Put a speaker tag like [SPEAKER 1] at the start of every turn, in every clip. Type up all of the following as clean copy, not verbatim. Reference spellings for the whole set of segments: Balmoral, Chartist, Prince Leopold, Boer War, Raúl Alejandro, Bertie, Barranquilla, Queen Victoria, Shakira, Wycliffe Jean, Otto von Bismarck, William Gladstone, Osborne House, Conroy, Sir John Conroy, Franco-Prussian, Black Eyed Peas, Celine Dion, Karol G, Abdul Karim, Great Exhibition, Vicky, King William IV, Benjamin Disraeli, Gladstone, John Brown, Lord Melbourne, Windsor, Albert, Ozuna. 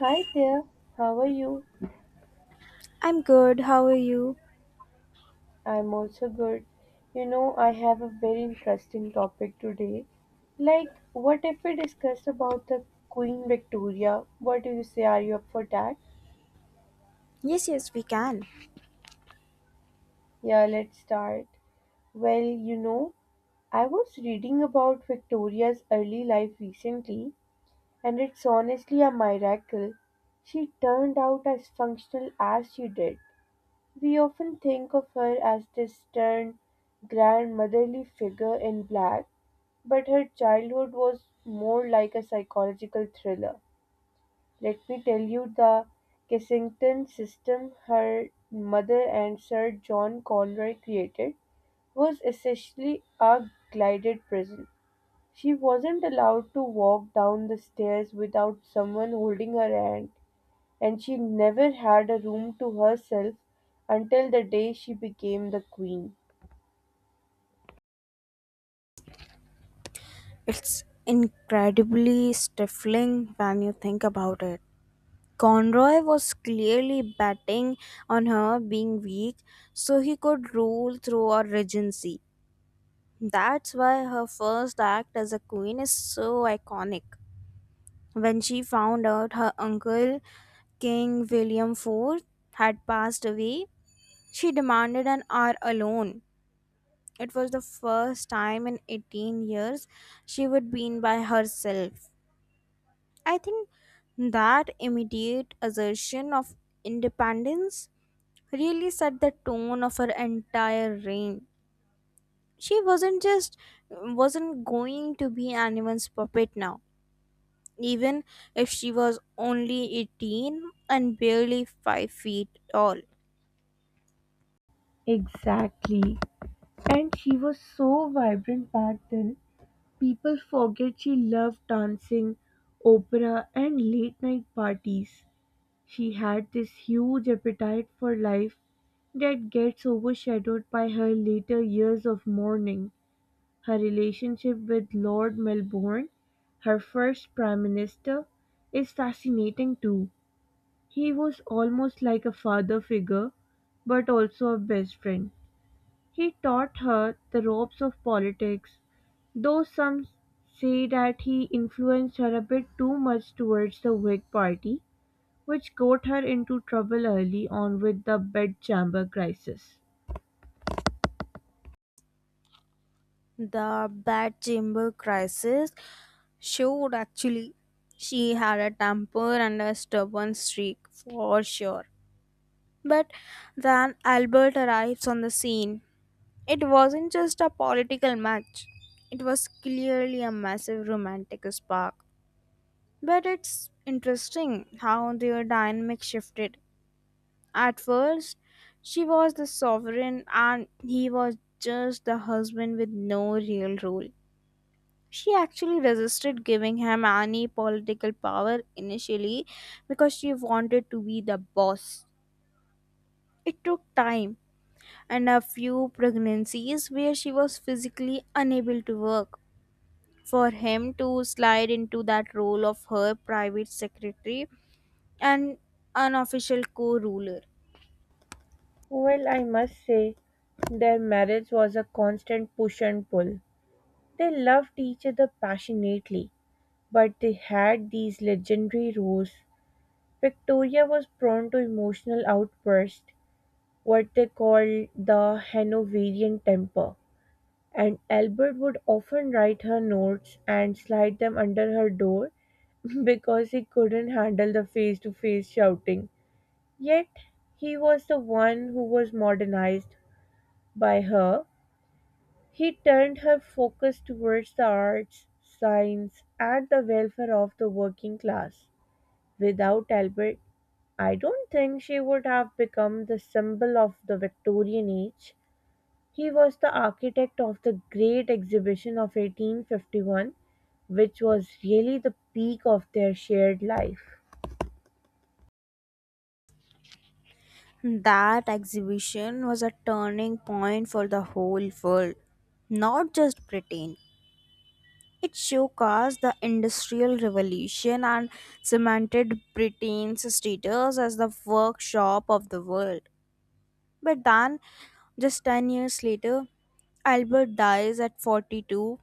[SPEAKER 1] Hi there, how are you?
[SPEAKER 2] I'm good. How are you?
[SPEAKER 1] I'm also good. I have a very interesting topic today. What if we discuss about the Queen Victoria? What do you say? Are you up for that?
[SPEAKER 2] Yes, yes, we can.
[SPEAKER 1] Yeah, let's start. Well, I was reading about Victoria's early life recently, and it's honestly a miracle. She turned out as functional as she did. We often think of her as this stern, grandmotherly figure in black, but her childhood was more like a psychological thriller. Let me tell you the Kensington system her mother and Sir John Conroy created was essentially a glided prison. She wasn't allowed to walk down the stairs without someone holding her hand, and she never had a room to herself until the day she became the queen.
[SPEAKER 2] It's incredibly stifling when you think about it. Conroy was clearly betting on her being weak so he could rule through her regency. That's why her first act as a queen is so iconic. When she found out her uncle, King William IV, had passed away, she demanded an hour alone. It was the first time in 18 years she would be in by herself. I think that immediate assertion of independence really set the tone of her entire reign. She wasn't going to be anyone's puppet now, even if she was only 18 and barely 5 feet tall.
[SPEAKER 1] Exactly. And she was so vibrant back then. People forget she loved dancing, opera, and late night parties. She had this huge appetite for life that gets overshadowed by her later years of mourning. Her relationship with Lord Melbourne, her first Prime Minister, is fascinating too. He was almost like a father figure, but also a best friend. He taught her the ropes of politics, though some say that he influenced her a bit too much towards the Whig Party, which got her into trouble early on with the bedchamber crisis.
[SPEAKER 2] The bedchamber crisis showed actually she had a temper and a stubborn streak for sure. But then Albert arrives on the scene. It wasn't just a political match, it was clearly a massive romantic spark. But it's interesting how their dynamic shifted. At first, she was the sovereign and he was just the husband with no real role. She actually resisted giving him any political power initially because she wanted to be the boss. It took time and a few pregnancies where she was physically unable to work for him to slide into that role of her private secretary and unofficial co ruler.
[SPEAKER 1] Well, I must say, their marriage was a constant push and pull. They loved each other passionately, but they had these legendary rows. Victoria was prone to emotional outbursts, what they called the Hanoverian temper, and Albert would often write her notes and slide them under her door because he couldn't handle the face to face shouting. Yet, he was the one who was modernized by her. He turned her focus towards the arts, science, and the welfare of the working class. Without Albert, I don't think she would have become the symbol of the Victorian age. He was the architect of the Great Exhibition of 1851, which was really the peak of their shared life.
[SPEAKER 2] That exhibition was a turning point for the whole world, not just Britain. It showcased the Industrial Revolution and cemented Britain's status as the workshop of the world. But then, just 10 years later, Albert dies at 42.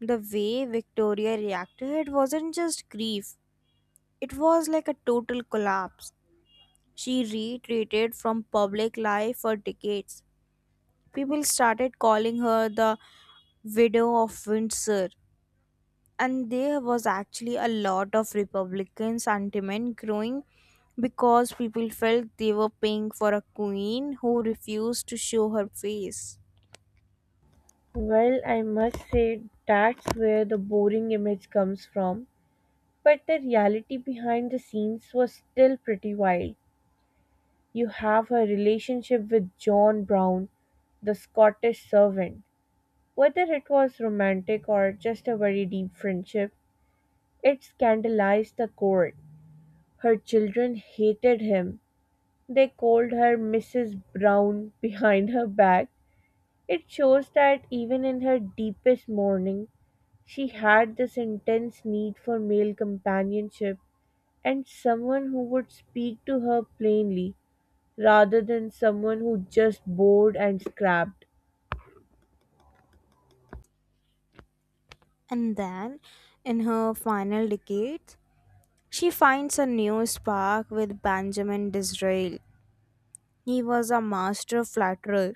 [SPEAKER 2] The way Victoria reacted wasn't just grief, it was like a total collapse. She retreated from public life for decades. People started calling her the widow of Windsor, and there was actually a lot of republican sentiment growing because people felt they were paying for a queen who refused to show her face.
[SPEAKER 1] Well, I must say that's where the boring image comes from, but the reality behind the scenes was still pretty wild. You have her relationship with John Brown, the Scottish servant. Whether it was romantic or just a very deep friendship, it scandalized the court. Her children hated him. They called her Mrs. Brown behind her back. It shows that even in her deepest mourning, she had this intense need for male companionship and someone who would speak to her plainly rather than someone who just bored and scrapped.
[SPEAKER 2] And then, in her final decades, she finds a new spark with Benjamin Disraeli. He was a master flatterer.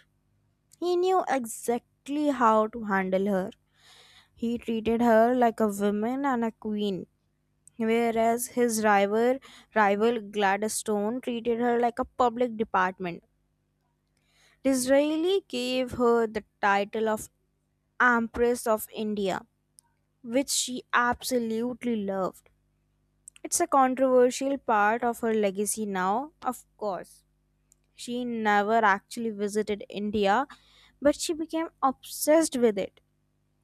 [SPEAKER 2] He knew exactly how to handle her. He treated her like a woman and a queen, whereas his rival Gladstone treated her like a public department. Disraeli gave her the title of Empress of India, which she absolutely loved. It's a controversial part of her legacy now, of course. She never actually visited India, but she became obsessed with it,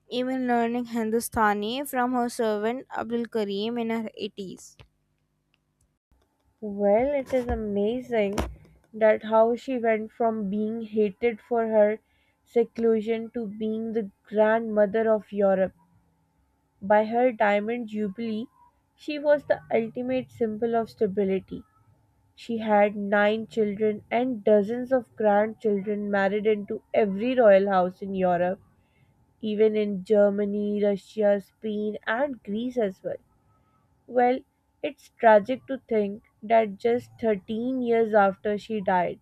[SPEAKER 2] even learning Hindustani from her servant Abdul Karim in her 80s.
[SPEAKER 1] Well, it is amazing that how she went from being hated for her seclusion to being the grandmother of Europe. By her diamond jubilee, she was the ultimate symbol of stability. She had 9 children and dozens of grandchildren married into every royal house in Europe, even in Germany, Russia, Spain, and Greece as well. Well, it's tragic to think that just 13 years after she died,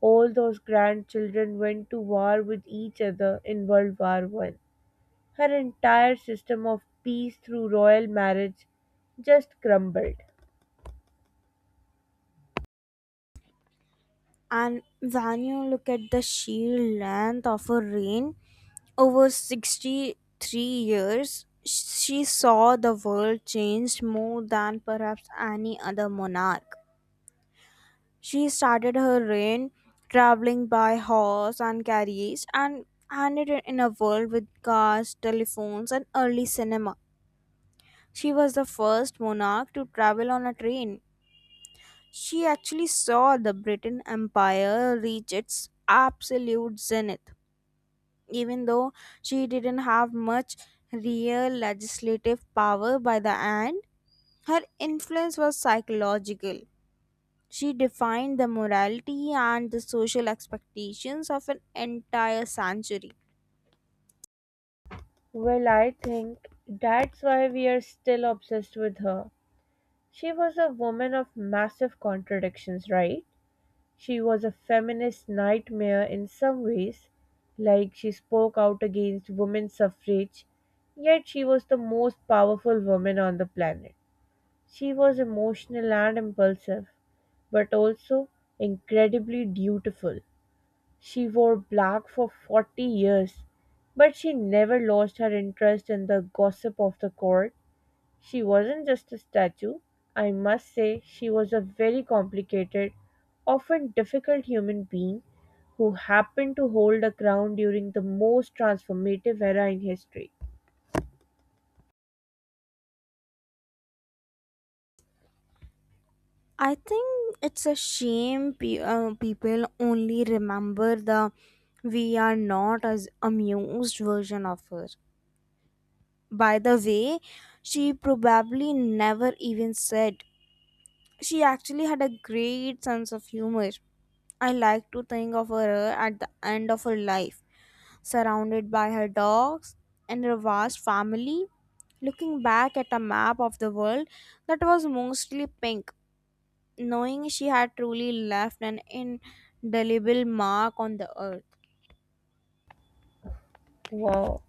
[SPEAKER 1] all those grandchildren went to war with each other in World War One. Her entire system of peace through royal marriage just crumbled.
[SPEAKER 2] And when you look at the sheer length of her reign, over 63 years, she saw the world change more than perhaps any other monarch. She started her reign traveling by horse and carriage, and ended it in a world with cars, telephones, and early cinema. She was the first monarch to travel on a train. She actually saw the britain empire reach its absolute zenith. Even though she didn't have much real legislative power by the end, her influence was psychological. She defined the morality and the social expectations of an entire century.
[SPEAKER 1] Well, I think that's why we are still obsessed with her. She was a woman of massive contradictions, right? She was a feminist nightmare in some ways, like she spoke out against women's suffrage, yet she was the most powerful woman on the planet. She was emotional and impulsive, but also incredibly dutiful. She wore black for 40 years, but she never lost her interest in the gossip of the court. She wasn't just a statue. I must say, she was a very complicated, often difficult human being who happened to hold a crown during the most transformative era in history.
[SPEAKER 2] I think it's a shame people only remember the we are not as amused version of her. By the way, she probably never even said. She actually had a great sense of humor. I like to think of her at the end of her life, surrounded by her dogs and her vast family, looking back at a map of the world that was mostly pink, knowing she had truly left an indelible mark on the earth.
[SPEAKER 1] Wow.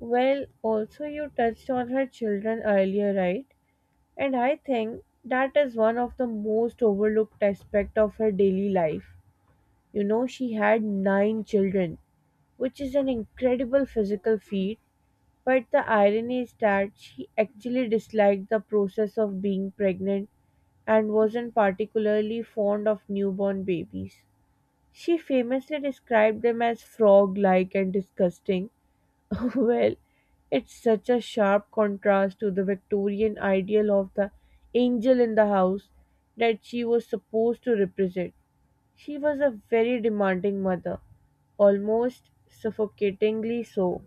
[SPEAKER 1] Well, also, you touched on her children earlier, right? And I think that is one of the most overlooked aspect of her daily life. She had nine children, which is an incredible physical feat. But the irony is that she actually disliked the process of being pregnant and wasn't particularly fond of newborn babies. She famously described them as frog like and disgusting. Well, it's such a sharp contrast to the Victorian ideal of the angel in the house that she was supposed to represent. She was a very demanding mother, almost suffocatingly so.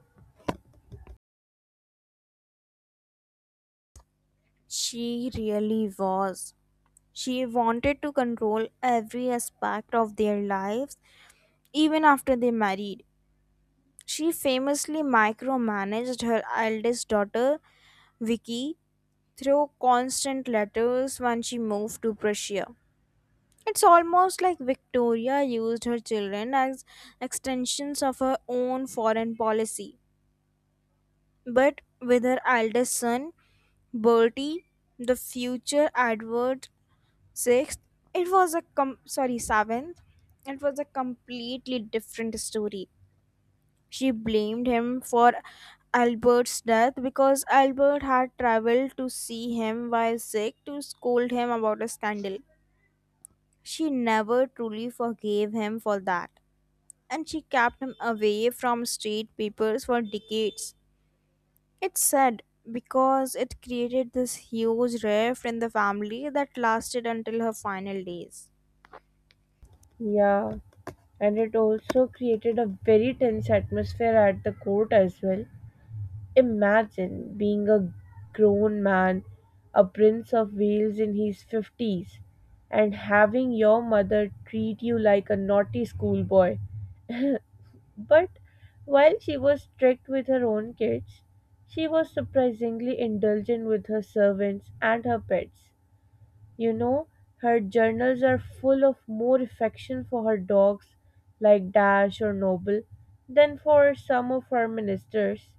[SPEAKER 2] She really was. She wanted to control every aspect of their lives, even after they married. She famously micromanaged her eldest daughter, Vicky, through constant letters when she moved to Prussia. It's almost like Victoria used her children as extensions of her own foreign policy. But with her eldest son, Bertie, the future Edward VI, it was a com- sorry, 7th, it was a completely different story. She blamed him for Albert's death because Albert had traveled to see him while sick to scold him about a scandal. She never truly forgave him for that, and she kept him away from street papers for decades. It's sad because it created this huge rift in the family that lasted until her final days.
[SPEAKER 1] Yeah, and it also created a very tense atmosphere at the court as well. Imagine being a grown man, a prince of Wales in his 50s, and having your mother treat you like a naughty schoolboy. But while she was strict with her own kids, she was surprisingly indulgent with her servants and her pets. You know, her journals are full of more affection for her dogs, like Dash or Noble, than for some of her ministers.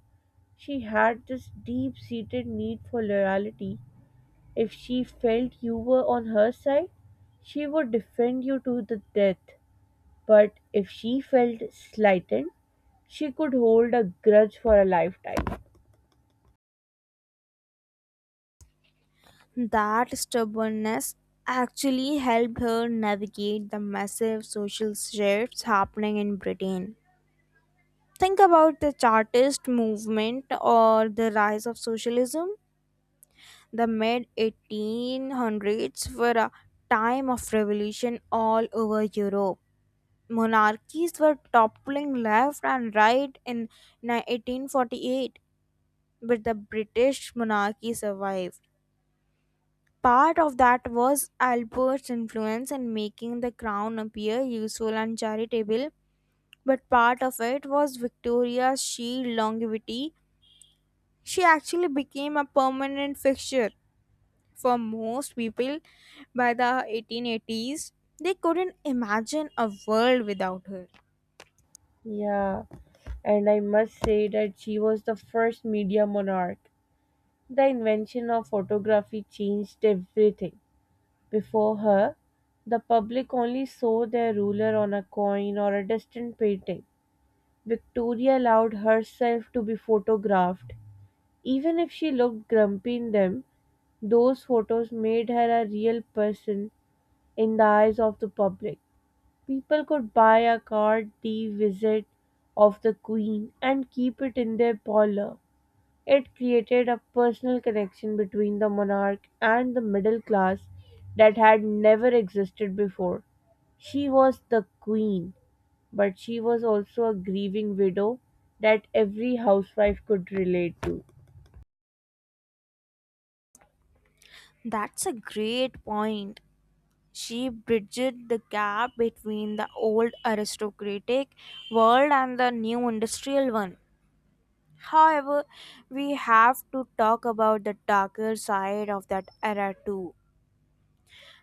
[SPEAKER 1] She had this deep seated need for loyalty. If she felt you were on her side, she would defend you to the death. But if she felt slighted, she could hold a grudge for a lifetime.
[SPEAKER 2] That stubbornness actually helped her navigate the massive social shifts happening in Britain. Think about the Chartist movement or the rise of socialism. The mid 1800s were a time of revolution all over Europe. Monarchies were toppling left and right in 1848, but the British monarchy survived. Part of that was Albert's influence in making the crown appear useful and charitable, but part of it was Victoria's sheer longevity. She actually became a permanent fixture for most people by the 1880s. They couldn't imagine a world without her.
[SPEAKER 1] Yeah, and I must say that she was the first media monarch. The invention of photography changed everything. Before her, the public only saw their ruler on a coin or a distant painting. Victoria allowed herself to be photographed. Even if she looked grumpy in them, those photos made her a real person in the eyes of the public. People could buy a card, the visit of the queen, and keep it in their parlor. It created a personal connection between the monarch and the middle class that had never existed before. She was the queen, but she was also a grieving widow that every housewife could relate to.
[SPEAKER 2] That's a great point. She bridged the gap between the old aristocratic world and the new industrial one. However, we have to talk about the darker side of that era too.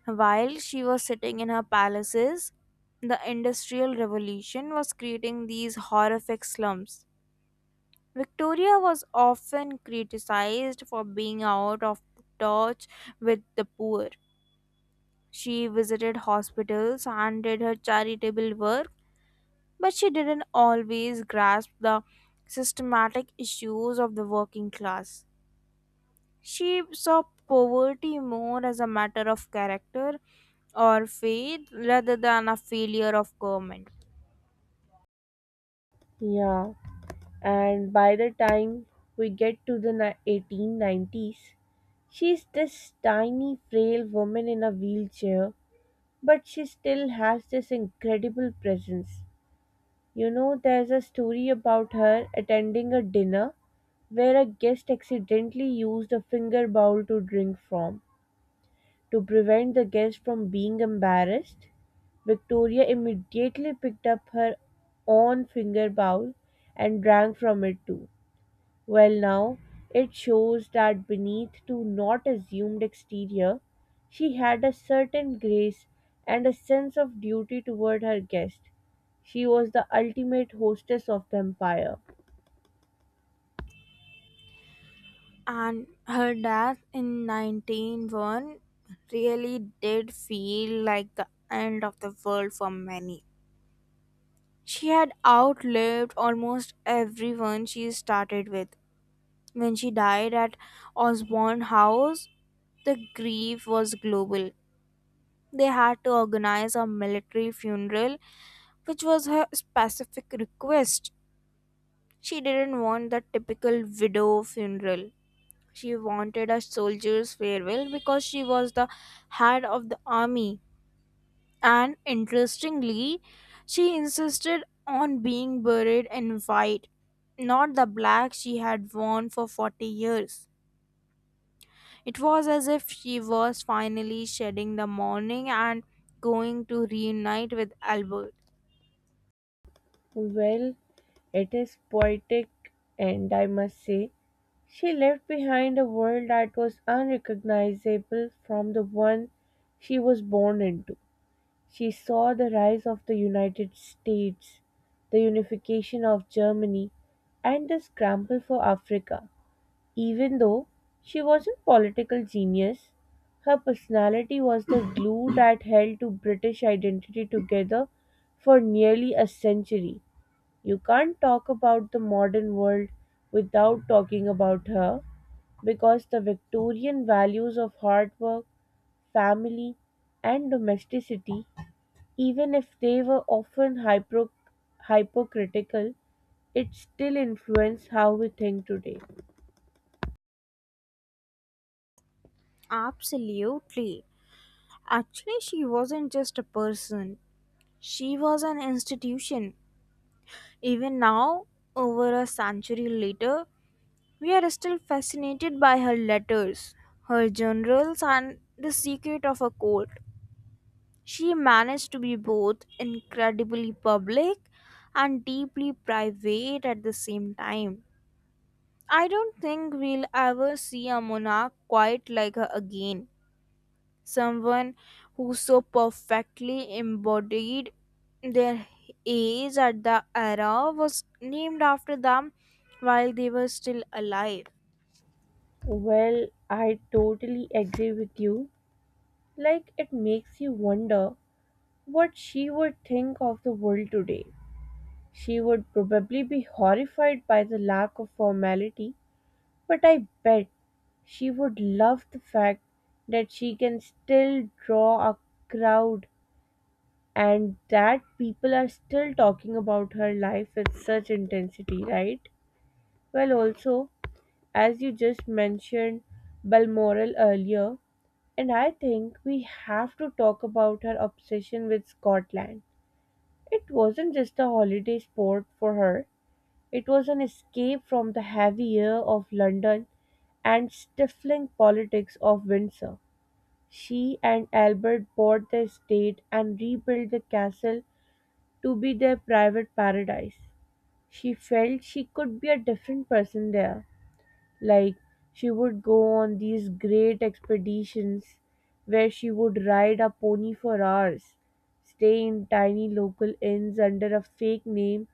[SPEAKER 2] While she was sitting in her palaces, the Industrial Revolution was creating these horrific slums. Victoria was often criticized for being out of touch with the poor. She visited hospitals and did her charitable work, but she didn't always grasp the systematic issues of the working class. She saw poverty more as a matter of character or fate rather than a failure of government.
[SPEAKER 1] Yeah, and by the time we get to the 1890s, she's this tiny, frail woman in a wheelchair, but she still has this incredible presence. There's a story about her attending a dinner where a guest accidentally used a finger bowl to drink from. To prevent the guest from being embarrassed, Victoria immediately picked up her own finger bowl and drank from it too. Well, now it shows that beneath to not assumed exterior, she had a certain grace and a sense of duty toward her guest. She was the ultimate hostess of the empire.
[SPEAKER 2] And her death in 1901 really did feel like the end of the world for many. She had outlived almost everyone she started with. When she died at Osborne House, the grief was global. They had to organize a military funeral, which was her specific request. She didn't want the typical widow funeral. She wanted a soldier's farewell because she was the head of the army. And interestingly, she insisted on being buried in white, not the black she had worn for 40 years. It was as if she was finally shedding the mourning and going to reunite with Albert.
[SPEAKER 1] Well, it is poetic, and I must say, she left behind a world that was unrecognizable from the one she was born into. She saw the rise of the United States, the unification of Germany, and the scramble for Africa. Even though she was a political genius, her personality was the glue that held to British identity together for nearly a century. You can't talk about the modern world without talking about her because the Victorian values of hard work, family, and domesticity, even if they were often hypocritical, it still influenced how we think today.
[SPEAKER 2] Absolutely. Actually, she wasn't just a person, she was an institution. Even now, over a century later, we are still fascinated by her letters, her journals, and the secret of her court. She managed to be both incredibly public and deeply private at the same time. I don't think we'll ever see a monarch quite like her again. Someone who so perfectly embodied their age at the era was named after them while they were still alive.
[SPEAKER 1] Well, I totally agree with you. It makes you wonder what she would think of the world today. She would probably be horrified by the lack of formality, but I bet she would love the fact that she can still draw a crowd and that people are still talking about her life with such intensity, right? Well, also, as you just mentioned Balmoral earlier, and I think we have to talk about her obsession with Scotland. It wasn't just a holiday sport for her, it was an escape from the heavy air of London and stifling politics of Windsor. She and Albert bought the estate and rebuilt the castle to be their private paradise. She felt she could be a different person there. Like she would go on these great expeditions where she would ride a pony for hours, stay in tiny local inns under a fake name,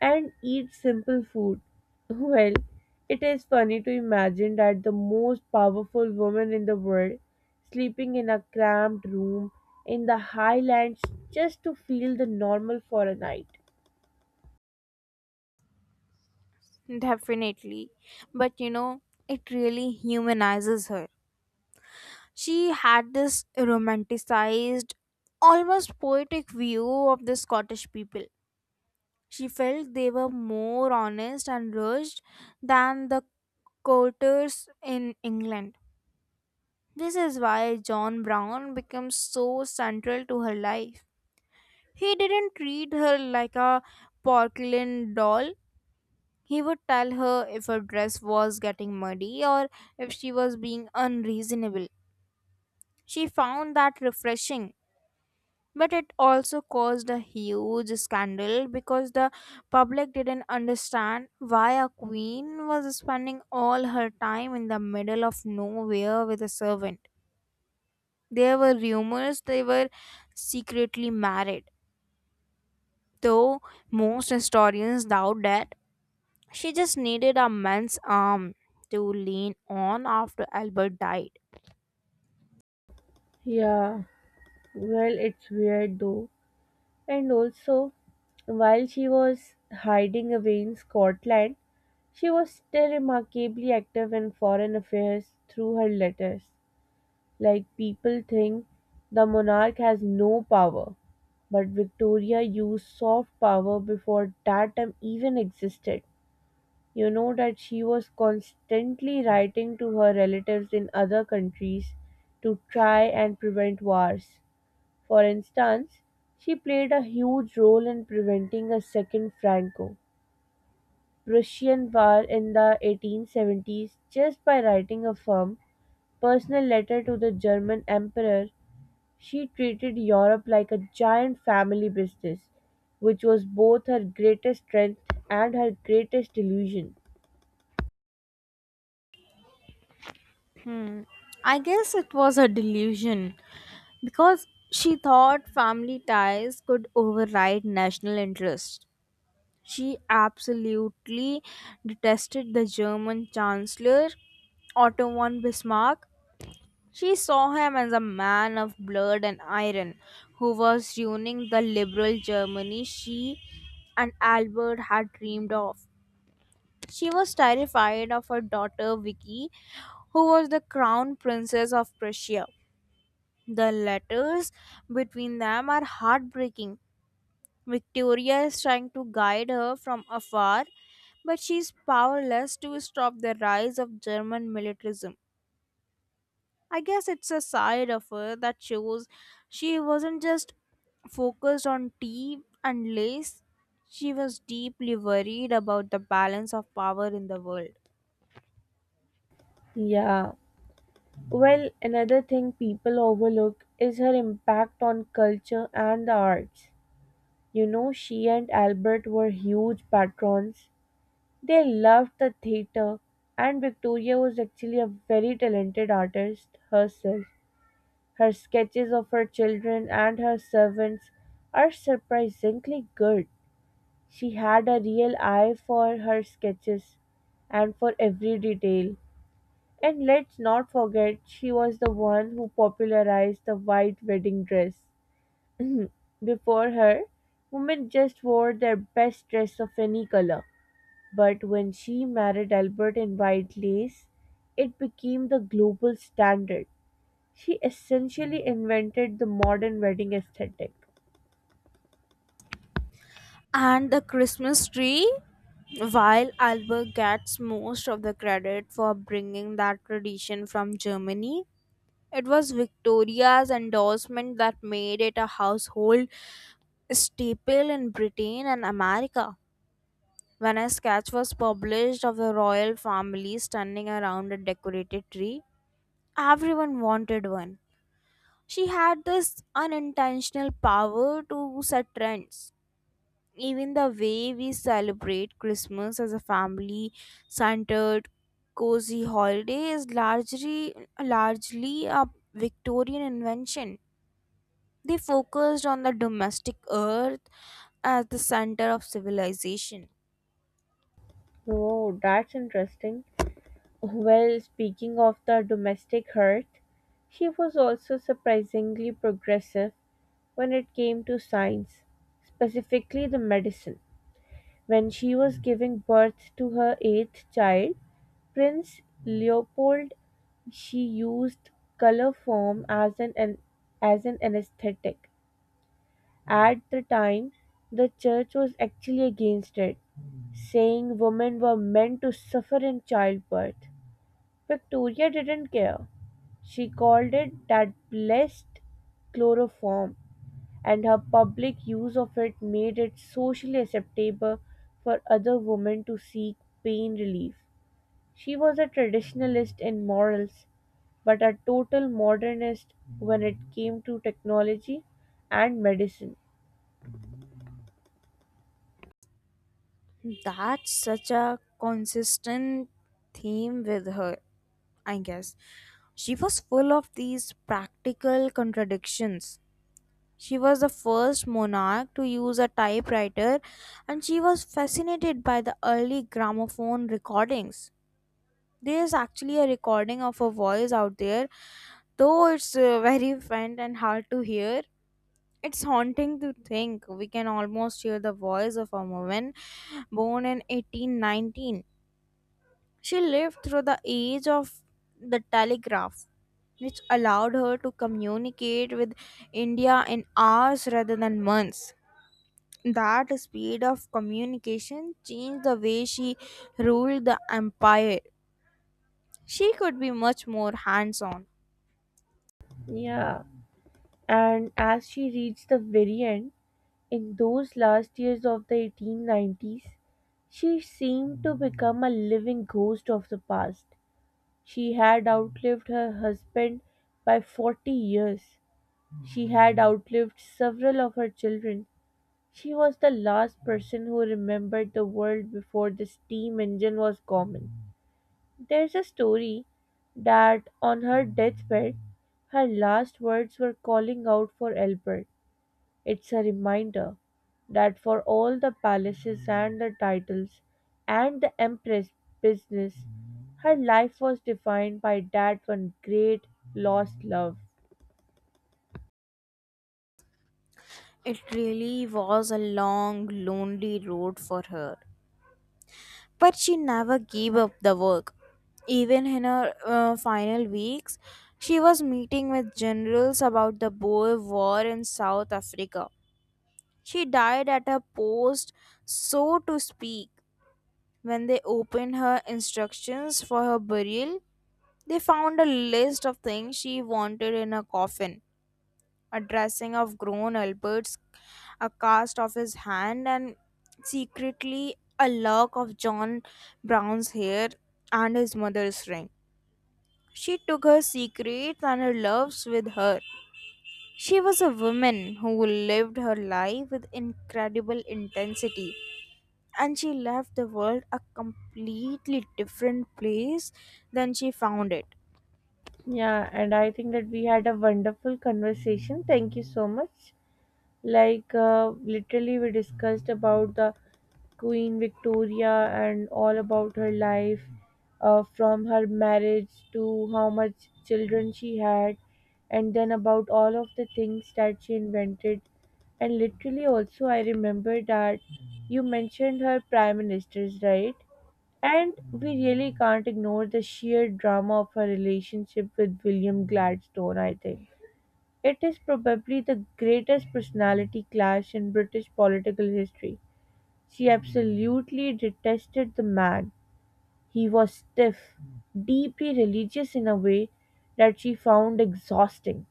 [SPEAKER 1] and eat simple food. Well, it is funny to imagine that the most powerful woman in the world sleeping in a cramped room in the highlands just to feel the normal for a night.
[SPEAKER 2] Definitely. But you know, it really humanizes her. She had this romanticized, almost poetic view of the Scottish people. She felt they were more honest and rushed than the courtiers in England. This is why John Brown becomes so central to her life. He didn't treat her like a porcelain doll. He would tell her if her dress was getting muddy or if she was being unreasonable. She found that refreshing, but it also caused a huge scandal because the public didn't understand why a queen was spending all her time in the middle of nowhere with a servant. There were rumors they were secretly married, though most historians doubt that. She just needed a man's arm to lean on after Albert died.
[SPEAKER 1] Yeah, well, it's weird though. And also, while she was hiding away in Scotland, she was still remarkably active in foreign affairs through her letters. People think the monarch has no power, but Victoria used soft power before that term even existed. You know that she was constantly writing to her relatives in other countries to try and prevent wars. For instance, she played a huge role in preventing a second Franco Prussian war in the 1870s just by writing a firm, personal letter to the German Emperor. She treated Europe like a giant family business, which was both her greatest strength and her greatest illusion.
[SPEAKER 2] Hmm. I guess it was a delusion because she thought family ties could override national interest. She absolutely detested the German Chancellor Otto von Bismarck. She saw him as a man of blood and iron who was ruining the liberal Germany she and Albert had dreamed of. She was terrified of her daughter Vicky, who was the crown princess of Prussia. The letters between them are heartbreaking. Victoria is trying to guide her from afar, but she is powerless to stop the rise of German militarism. I guess it's a side of her that shows she wasn't just focused on tea and lace, she was deeply worried about the balance of power in the world.
[SPEAKER 1] Yeah. Well, another thing people overlook is her impact on culture and the arts. She and Albert were huge patrons. They loved the theatre, and Victoria was actually a very talented artist herself. Her sketches of her children and her servants are surprisingly good. She had a real eye for her sketches and for every detail. And let's not forget, she was the one who popularized the white wedding dress. Before her, women just wore their best dress of any color. But when she married Albert in White Lace, it became the global standard. She essentially invented the modern wedding aesthetic.
[SPEAKER 2] And the Christmas tree? While Albert gets most of the credit for bringing that tradition from Germany, it was Victoria's endorsement that made it a household staple in Britain and America. When a sketch was published of the royal family standing around a decorated tree, everyone wanted one. She had this unintentional power to set trends. Even the way we celebrate Christmas as a family centered, cozy holiday is largely a Victorian invention. They focused on the domestic earth as the center of civilization.
[SPEAKER 1] Oh, that's interesting. Well, speaking of the domestic hearth, she was also surprisingly progressive when it came to science, specifically the medicine. When she was giving birth to her eighth child, Prince Leopold, she used color form as an as an anesthetic. At the time, the church was actually against it, saying women were meant to suffer in childbirth. Victoria didn't care. She called it that blessed chloroform, and her public use of it made it socially acceptable for other women to seek pain relief. She was a traditionalist in morals, but a total modernist when it came to technology and medicine.
[SPEAKER 2] That's such a consistent theme with her, I guess. She was full of these practical contradictions. She was the first monarch to use a typewriter, and she was fascinated by the early gramophone recordings. There is actually a recording of her voice out there, though it's very faint and hard to hear. It's haunting to think we can almost hear the voice of a woman born in 1819. She lived through the age of the telegraph, which allowed her to communicate with India in hours rather than months. That speed of communication changed the way she ruled the empire. She could be much more hands on.
[SPEAKER 1] Yeah. And as she reached the very end, in those last years of the 1890s, she seemed to become a living ghost of the past. She had outlived her husband by 40 years. She had outlived several of her children. She was the last person who remembered the world before the steam engine was common. There's a story that on her deathbed, her last words were calling out for Albert. It's a reminder that for all the palaces and the titles and the empress business, her life was defined by that one great lost love.
[SPEAKER 2] It really was a long, lonely road for her. But she never gave up the work. Even in her final weeks, she was meeting with generals about the Boer War in South Africa. She died at her post, so to speak. When they opened her instructions for her burial, they found a list of things she wanted in her coffin: a dressing of grown Albert's, a cast of his hand, and secretly a lock of John Brown's hair and his mother's ring. She took her secrets and her loves with her. She was a woman who lived her life with incredible intensity, and she left the world a completely different place than she found it.
[SPEAKER 1] Yeah, and I think that we had a wonderful conversation. Thank you so much. Literally, we discussed about the Queen Victoria and all about her life, from her marriage to how much children she had, and then about all of the things that she invented. And literally, also, I remember that you mentioned her prime ministers, right? And we really can't ignore the sheer drama of her relationship with William Gladstone, I think. It is probably the greatest personality clash in British political history. She absolutely detested the man. He was stiff, deeply religious in a way that she found exhausting,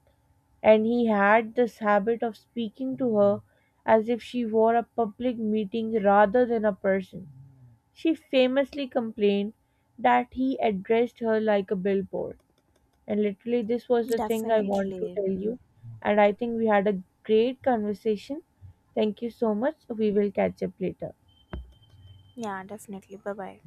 [SPEAKER 1] and he had this habit of speaking to her as if she were a public meeting rather than a person. She famously complained that he addressed her like a billboard. And literally, this was the thing I want to
[SPEAKER 2] Definitely.
[SPEAKER 1] tell you. And I think we had a great conversation. Thank you so much. We will catch up later.
[SPEAKER 2] Yeah, definitely. Bye bye.